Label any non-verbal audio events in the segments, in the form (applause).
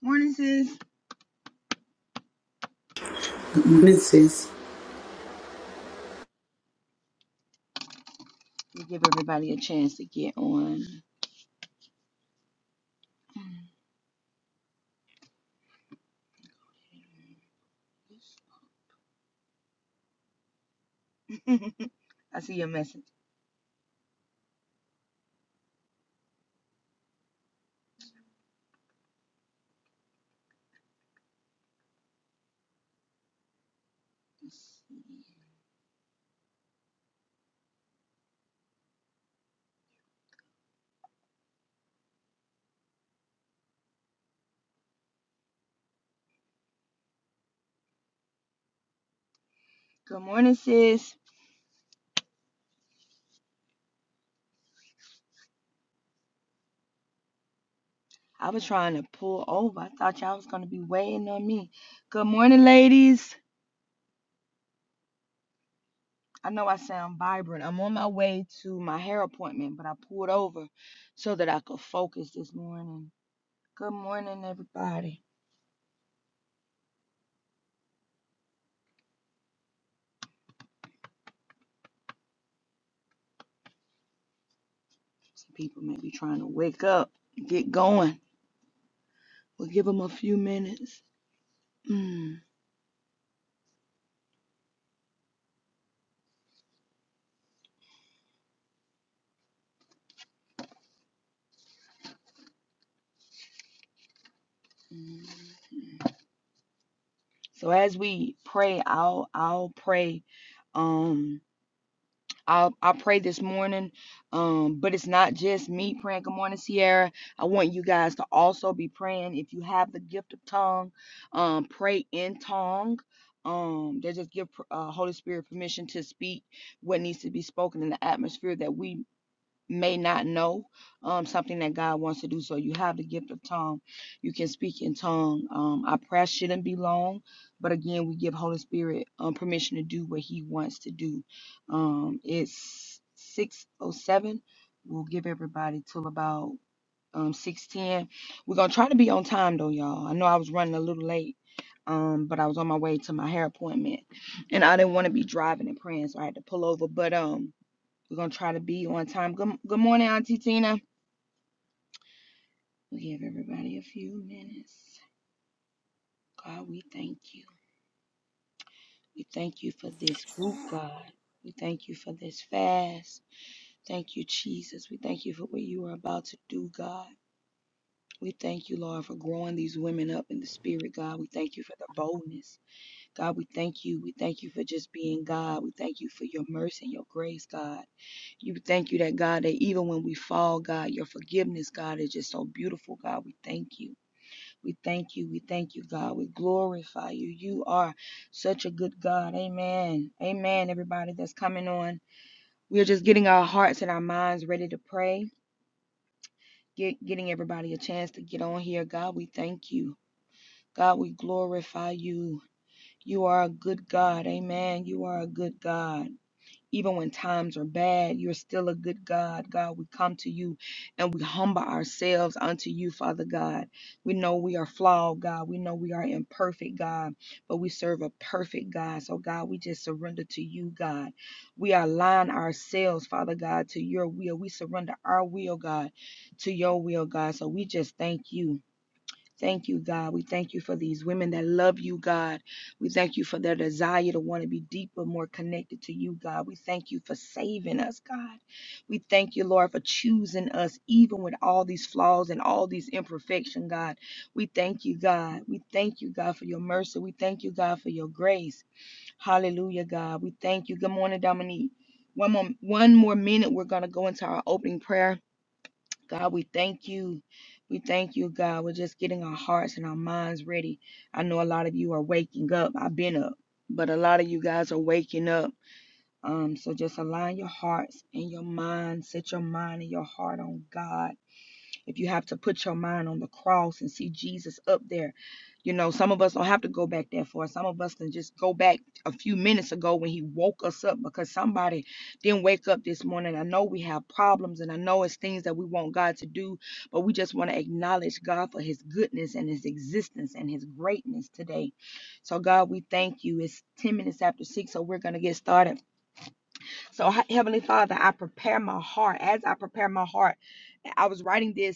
Morning, sis. Mrs. We give everybody a chance to get on. (laughs) I see your message. Good morning, sis. I was trying to pull over. I thought y'all was gonna be waiting on me. Good morning, ladies. I know I sound vibrant. I'm on my way to my hair appointment, but I pulled over so that I could focus this morning. Good morning, everybody. Some people may be trying to wake up, get going. We'll give them a few minutes. Mm. So as we pray, I'll I'll pray. Um I'll I'll pray this morning. Um, but it's not just me praying. Good morning, Sierra. I want you guys to also be praying. If you have the gift of tongue, um, pray in tongue. Um, that just give uh, Holy Spirit permission to speak what needs to be spoken in the atmosphere that we may not know um, something that God wants to do. So you have the gift of tongue. You can speak in tongue. Um, our prayer shouldn't be long, but again, we give Holy Spirit um, permission to do what He wants to do. Um, it's six oh seven. We'll give everybody till about um, six ten. We're gonna try to be on time though, y'all. I know I was running a little late. Um, but I was on my way to my hair appointment and I didn't want to be driving and praying, so I had to pull over. But um we're gonna try to be on time. Good, good morning, Auntie Tina. We'll give everybody a few minutes. God, we thank you. We thank you for this group, God. We thank you for this fast. Thank you, Jesus. We thank you for what you are about to do, God. We thank you, Lord, for growing these women up in the spirit, God. We thank you for the boldness. God, we thank you. We thank you for just being God. We thank you for your mercy and your grace, God. You thank you that, God, that even when we fall, God, your forgiveness, God, is just so beautiful, God. We thank you. We thank you. We thank you, God. We glorify you. You are such a good God. Amen. Amen, everybody that's coming on. We're just getting our hearts and our minds ready to pray, Get, getting everybody a chance to get on here. God, we thank you. God, we glorify you. You are a good God. Amen. You are a good God. Even when times are bad, you're still a good God. God, we come to you and we humble ourselves unto you, Father God. We know we are flawed, God. We know we are imperfect, God, but we serve a perfect God. So, God, we just surrender to you, God. We align ourselves, Father God, to your will. We surrender our will, God, to your will, God. So, we just thank you. Thank you, God. We thank you for these women that love you, God. We thank you for their desire to want to be deeper, more connected to you, God. We thank you for saving us, God. We thank you, Lord, for choosing us, even with all these flaws and all these imperfection, God. We thank you, God. We thank you, God, for your mercy. We thank you, God, for your grace. Hallelujah, God. We thank you. Good morning, Dominique. One more, one more minute, we're going to go into our opening prayer God, we thank you. We thank you, God. We're just getting our hearts and our minds ready. I know a lot of you are waking up. I've been up, but a lot of you guys are waking up. Um, so just align your hearts and your mind. Set your mind and your heart on God. If you have to put your mind on the cross and see Jesus up there, you know, some of us don't have to go back that far. Some of us can just go back a few minutes ago when he woke us up because somebody didn't wake up this morning. I know we have problems and I know it's things that we want God to do, but we just want to acknowledge God for his goodness and his existence and his greatness today. So, God, we thank you. It's 10 minutes after six, so we're going to get started. So, Heavenly Father, I prepare my heart. As I prepare my heart, I was writing this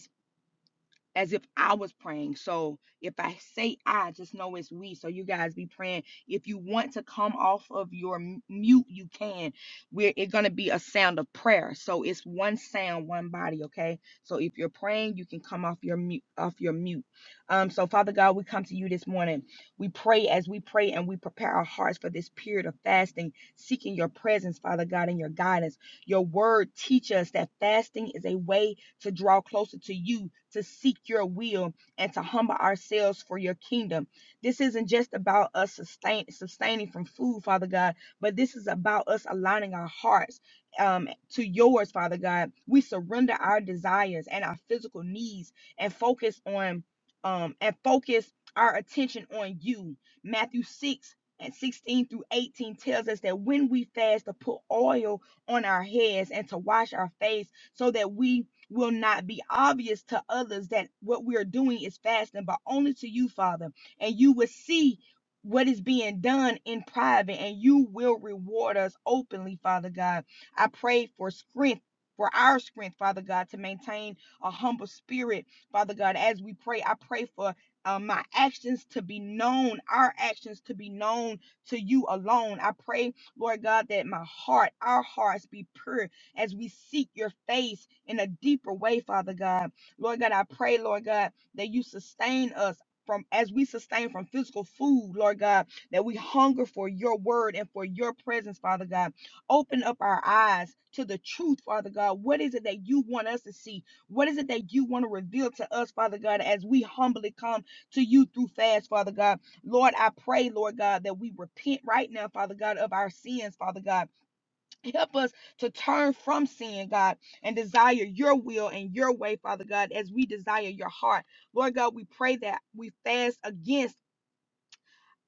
as if I was praying. So if I say I, just know it's we. So you guys be praying. If you want to come off of your mute, you can. We're it's gonna be a sound of prayer. So it's one sound, one body. Okay. So if you're praying, you can come off your mute, off your mute. Um. So Father God, we come to you this morning. We pray as we pray and we prepare our hearts for this period of fasting, seeking your presence, Father God, and your guidance. Your word teaches us that fasting is a way to draw closer to you, to seek your will, and to humble ourselves for your kingdom. This isn't just about us sustain, sustaining from food, Father God, but this is about us aligning our hearts um, to yours, Father God. We surrender our desires and our physical needs and focus on um, and focus our attention on you. Matthew 6 and 16 through 18 tells us that when we fast to put oil on our heads and to wash our face so that we will not be obvious to others that what we are doing is fasting, but only to you, Father. And you will see what is being done in private, and you will reward us openly, Father God. I pray for strength. For our strength, Father God, to maintain a humble spirit, Father God, as we pray, I pray for uh, my actions to be known, our actions to be known to you alone. I pray Lord God, that my heart, our hearts be pure as we seek your face in a deeper way, Father God. Lord God, I pray, Lord God, that you sustain us. From as we sustain from physical food, Lord God, that we hunger for your word and for your presence, Father God. Open up our eyes to the truth, Father God. What is it that you want us to see? What is it that you want to reveal to us, Father God, as we humbly come to you through fast, Father God? Lord, I pray, Lord God, that we repent right now, Father God, of our sins, Father God. Help us to turn from sin, God, and desire your will and your way, Father God, as we desire your heart. Lord God, we pray that we fast against.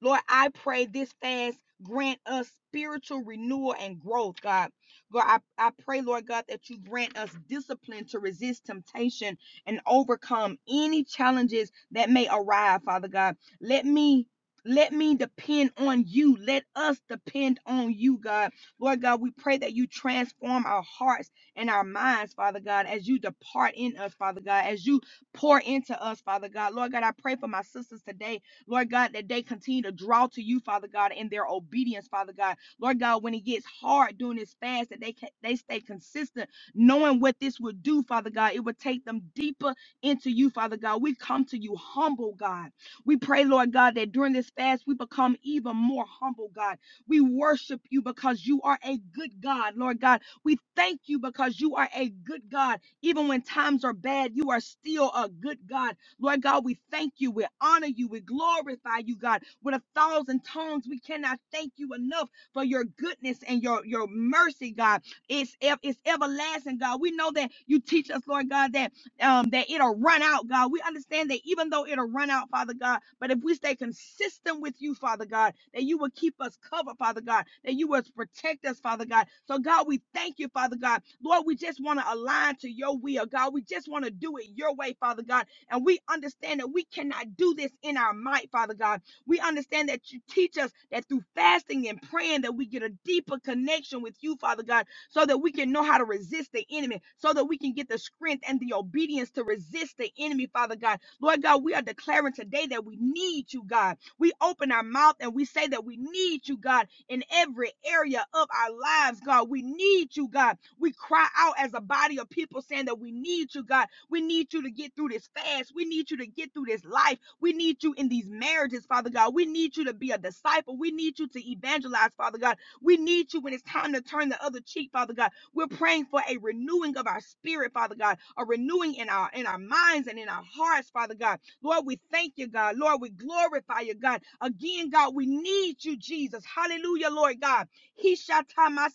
Lord, I pray this fast grant us spiritual renewal and growth, God. God, I, I pray, Lord God, that you grant us discipline to resist temptation and overcome any challenges that may arrive, Father God. Let me let me depend on you. Let us depend on you, God. Lord God, we pray that you transform our hearts and our minds, Father God, as you depart in us, Father God, as you pour into us, Father God. Lord God, I pray for my sisters today Lord God, that they continue to draw to you, Father God, in their obedience, Father God. Lord God, when it gets hard during this fast, that they can, they stay consistent, knowing what this would do, Father God. It would take them deeper into you, Father God. We come to you humble, God. We pray, Lord God, that during this fast we become even more humble, God. We worship you because you are a good God, Lord God. We thank you because you are a good God. Even when times are bad, you are still a good God. Lord God, we thank you. We honor you. We glorify you, God. With a thousand tongues, we cannot thank you enough for your goodness and your, your mercy, God. It's, it's everlasting, God. We know that you teach us, Lord God, that um, that it'll run out, God. We understand that even though it'll run out, Father God, but if we stay consistent with you, Father God, that you will keep us covered, Father God, that you will protect us, Father God. So, God, we thank you, Father God. Lord, we just want to align to your will, God. We just want to do it your way, Father God. And we understand that we cannot do this in our might, Father God. We understand that you teach us that through fasting and praying that we get a deeper connection with you, Father God, so that we can know how to resist the enemy, so that we can get the strength and the obedience to resist the enemy, Father God. Lord God, we are declaring today that we need you, God. We open our mouth and we say that we need you, God in every area of our lives, God. We need you, God. We cry out as a body of people saying that we need you, God. We need you to get through this fast. We need you to get through this life. We need you in these marriages, Father God. We need you to be a disciple. We need you to evangelize, Father God. We need you when it's time to turn the other cheek, Father God. We're praying for a renewing of our spirit, Father God, a renewing in our in our minds and in our hearts, Father God. Lord, we thank you, God. Lord, we glorify you, God. Again, God, we need you, Jesus. Hallelujah, Lord God. He shall tie my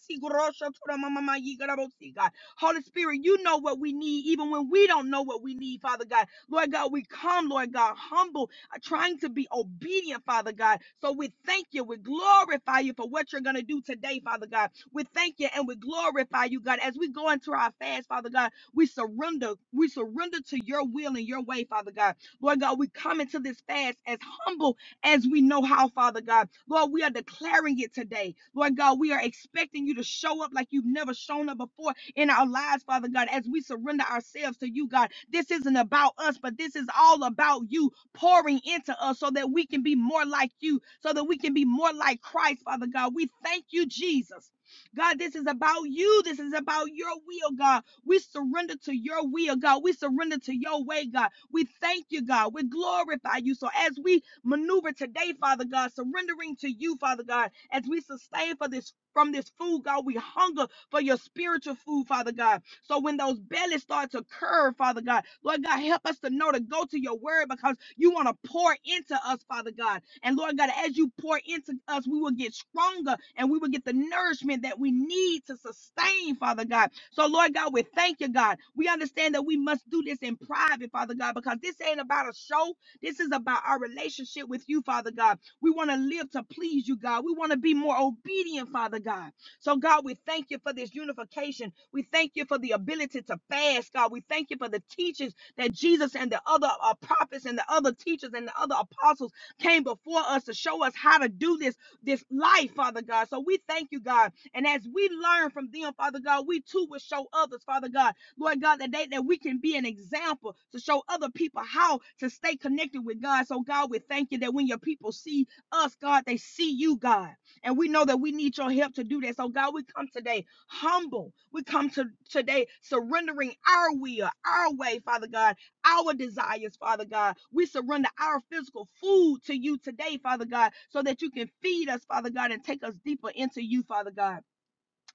mama, my ye, God. God. Holy Spirit, you know what we need, even when we don't know what we need, Father God. Lord God, we come, Lord God, humble, uh, trying to be obedient, Father God. So we thank you. We glorify you for what you're going to do today, Father God. We thank you and we glorify you, God. As we go into our fast, Father God, we surrender. We surrender to your will and your way, Father God. Lord God, we come into this fast as humble as we know how, Father God. Lord, we are declaring it today. Lord God, we are expecting you to show up like you've never shown up before in our lives, Father God, as we surrender ourselves to you, God. This isn't about us, but this is all about you pouring into us so that we can be more like you, so that we can be more like Christ, Father God. We thank you, Jesus. God, this is about you. This is about your will, God. We surrender to your will, God. We surrender to your way, God. We thank you, God. We glorify you. So as we maneuver today, Father God, surrendering to you, Father God, as we sustain for this from this food, God, we hunger for your spiritual food, Father God. So when those bellies start to curve, Father God, Lord God, help us to know to go to your word because you want to pour into us, Father God. And Lord God, as you pour into us, we will get stronger and we will get the nourishment that we need to sustain, Father God. So, Lord God, we thank you, God. We understand that we must do this in private, Father God, because this ain't about a show. This is about our relationship with you, Father God. We want to live to please you, God. We want to be more obedient, Father God. So, God, we thank you for this unification. We thank you for the ability to fast, God. We thank you for the teachings that Jesus and the other uh, prophets and the other teachers and the other apostles came before us to show us how to do this, this life, Father God. So, we thank you, God. And as we learn from them, Father God, we too will show others, Father God, Lord God, that they that we can be an example to show other people how to stay connected with God. So God, we thank you that when your people see us, God, they see you, God. And we know that we need your help to do that. So, God, we come today humble. We come to today surrendering our will, our way, Father God, our desires, Father God. We surrender our physical food to you today, Father God, so that you can feed us, Father God, and take us deeper into you, Father God.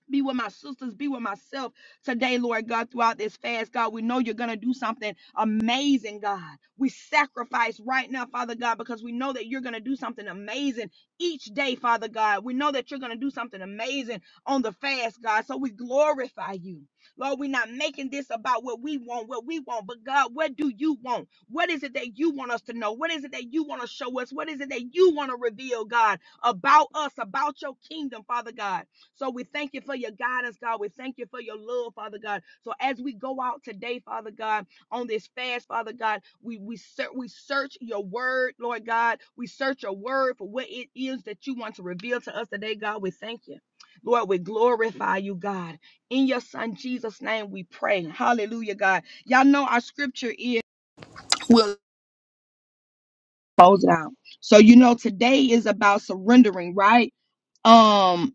Be with my sisters, be with myself today, Lord God, throughout this fast, God. We know you're going to do something amazing, God. We sacrifice right now, Father God, because we know that you're going to do something amazing each day, Father God. We know that you're going to do something amazing on the fast, God. So we glorify you. Lord, we're not making this about what we want, what we want, but God, what do you want? What is it that you want us to know? What is it that you want to show us? What is it that you want to reveal, God, about us, about your kingdom, Father God? So we thank you for your guidance, God. We thank you for your love, Father God. So as we go out today, Father God, on this fast, Father God, we we search we search your word, Lord God. We search your word for what it is that you want to reveal to us today, God. We thank you. Lord, we glorify you, God. In your son Jesus' name we pray. Hallelujah, God. Y'all know our scripture is we'll close it out. So you know today is about surrendering, right? Um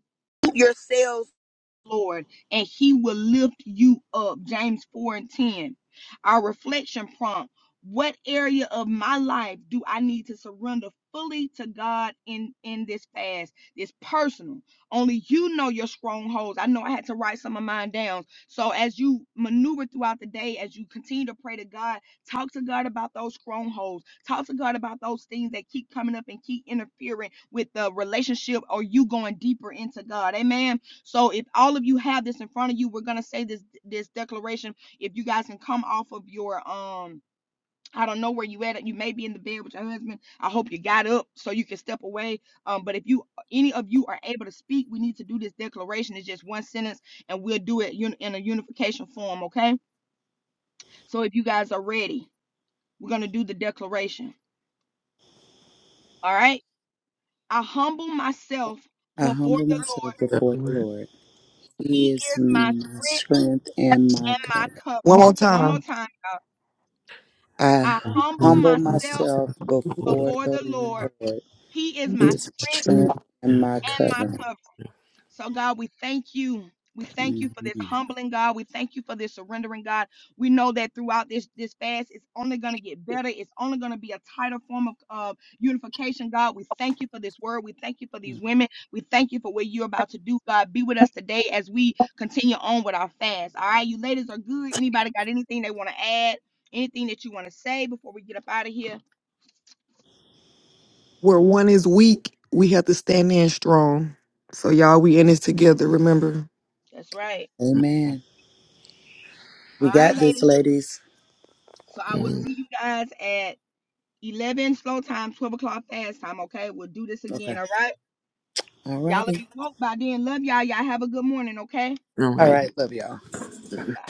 yourselves. Lord, and he will lift you up. James 4 and 10. Our reflection prompt What area of my life do I need to surrender fully to God in, in this fast? It's personal. Only you know your strongholds. I know I had to write some of mine down. So as you maneuver throughout the day, as you continue to pray to God, talk to God about those strongholds. Talk to God about those things that keep coming up and keep interfering with the relationship or you going deeper into God. Amen. So if all of you have this in front of you, we're gonna say this this declaration. If you guys can come off of your um I don't know where you at. You may be in the bed with your husband. I hope you got up so you can step away. Um, but if you any of you are able to speak, we need to do this declaration. It's just one sentence, and we'll do it un- in a unification form. Okay. So if you guys are ready, we're gonna do the declaration. All right. I humble myself I before humble the myself Lord. (laughs) So, before the One Lord. He He is is my my strength strength and my and my cover. more covering. One more time. time. y'all. I I humble um, humble myself so, myself before before the the uh, Lord. Lord. He is He my is my strength uh, strength and yeah, my and my cover. cover. yeah, So, God, we thank you. We thank you for this Mhm. humbling, God. We thank you for this surrendering, God. We know that throughout this this fast, it's only going to get better. It's only going to be a tighter form of uh, unification, God. We thank you for this word. We thank you for these women. We thank you for what you're about to do, God. Be with us today as we continue on with our fast. All right, you ladies are good. Anybody got anything they want to add? Anything that you want to say before we get up out of here? Where one is weak, we have to stand in strong. So y'all, we in this together. Remember. That's right. mm, Amen. All We right, got this, ladies. ladies. So I will see mm. you guys at 11 slow time, 12 o'clock fast time. Okay. We'll do this again. Okay. All right. All Y'all will righty. be woke by then. Love y'all. Y'all have a good morning. Okay. all All right. right. Love y'all. Bye.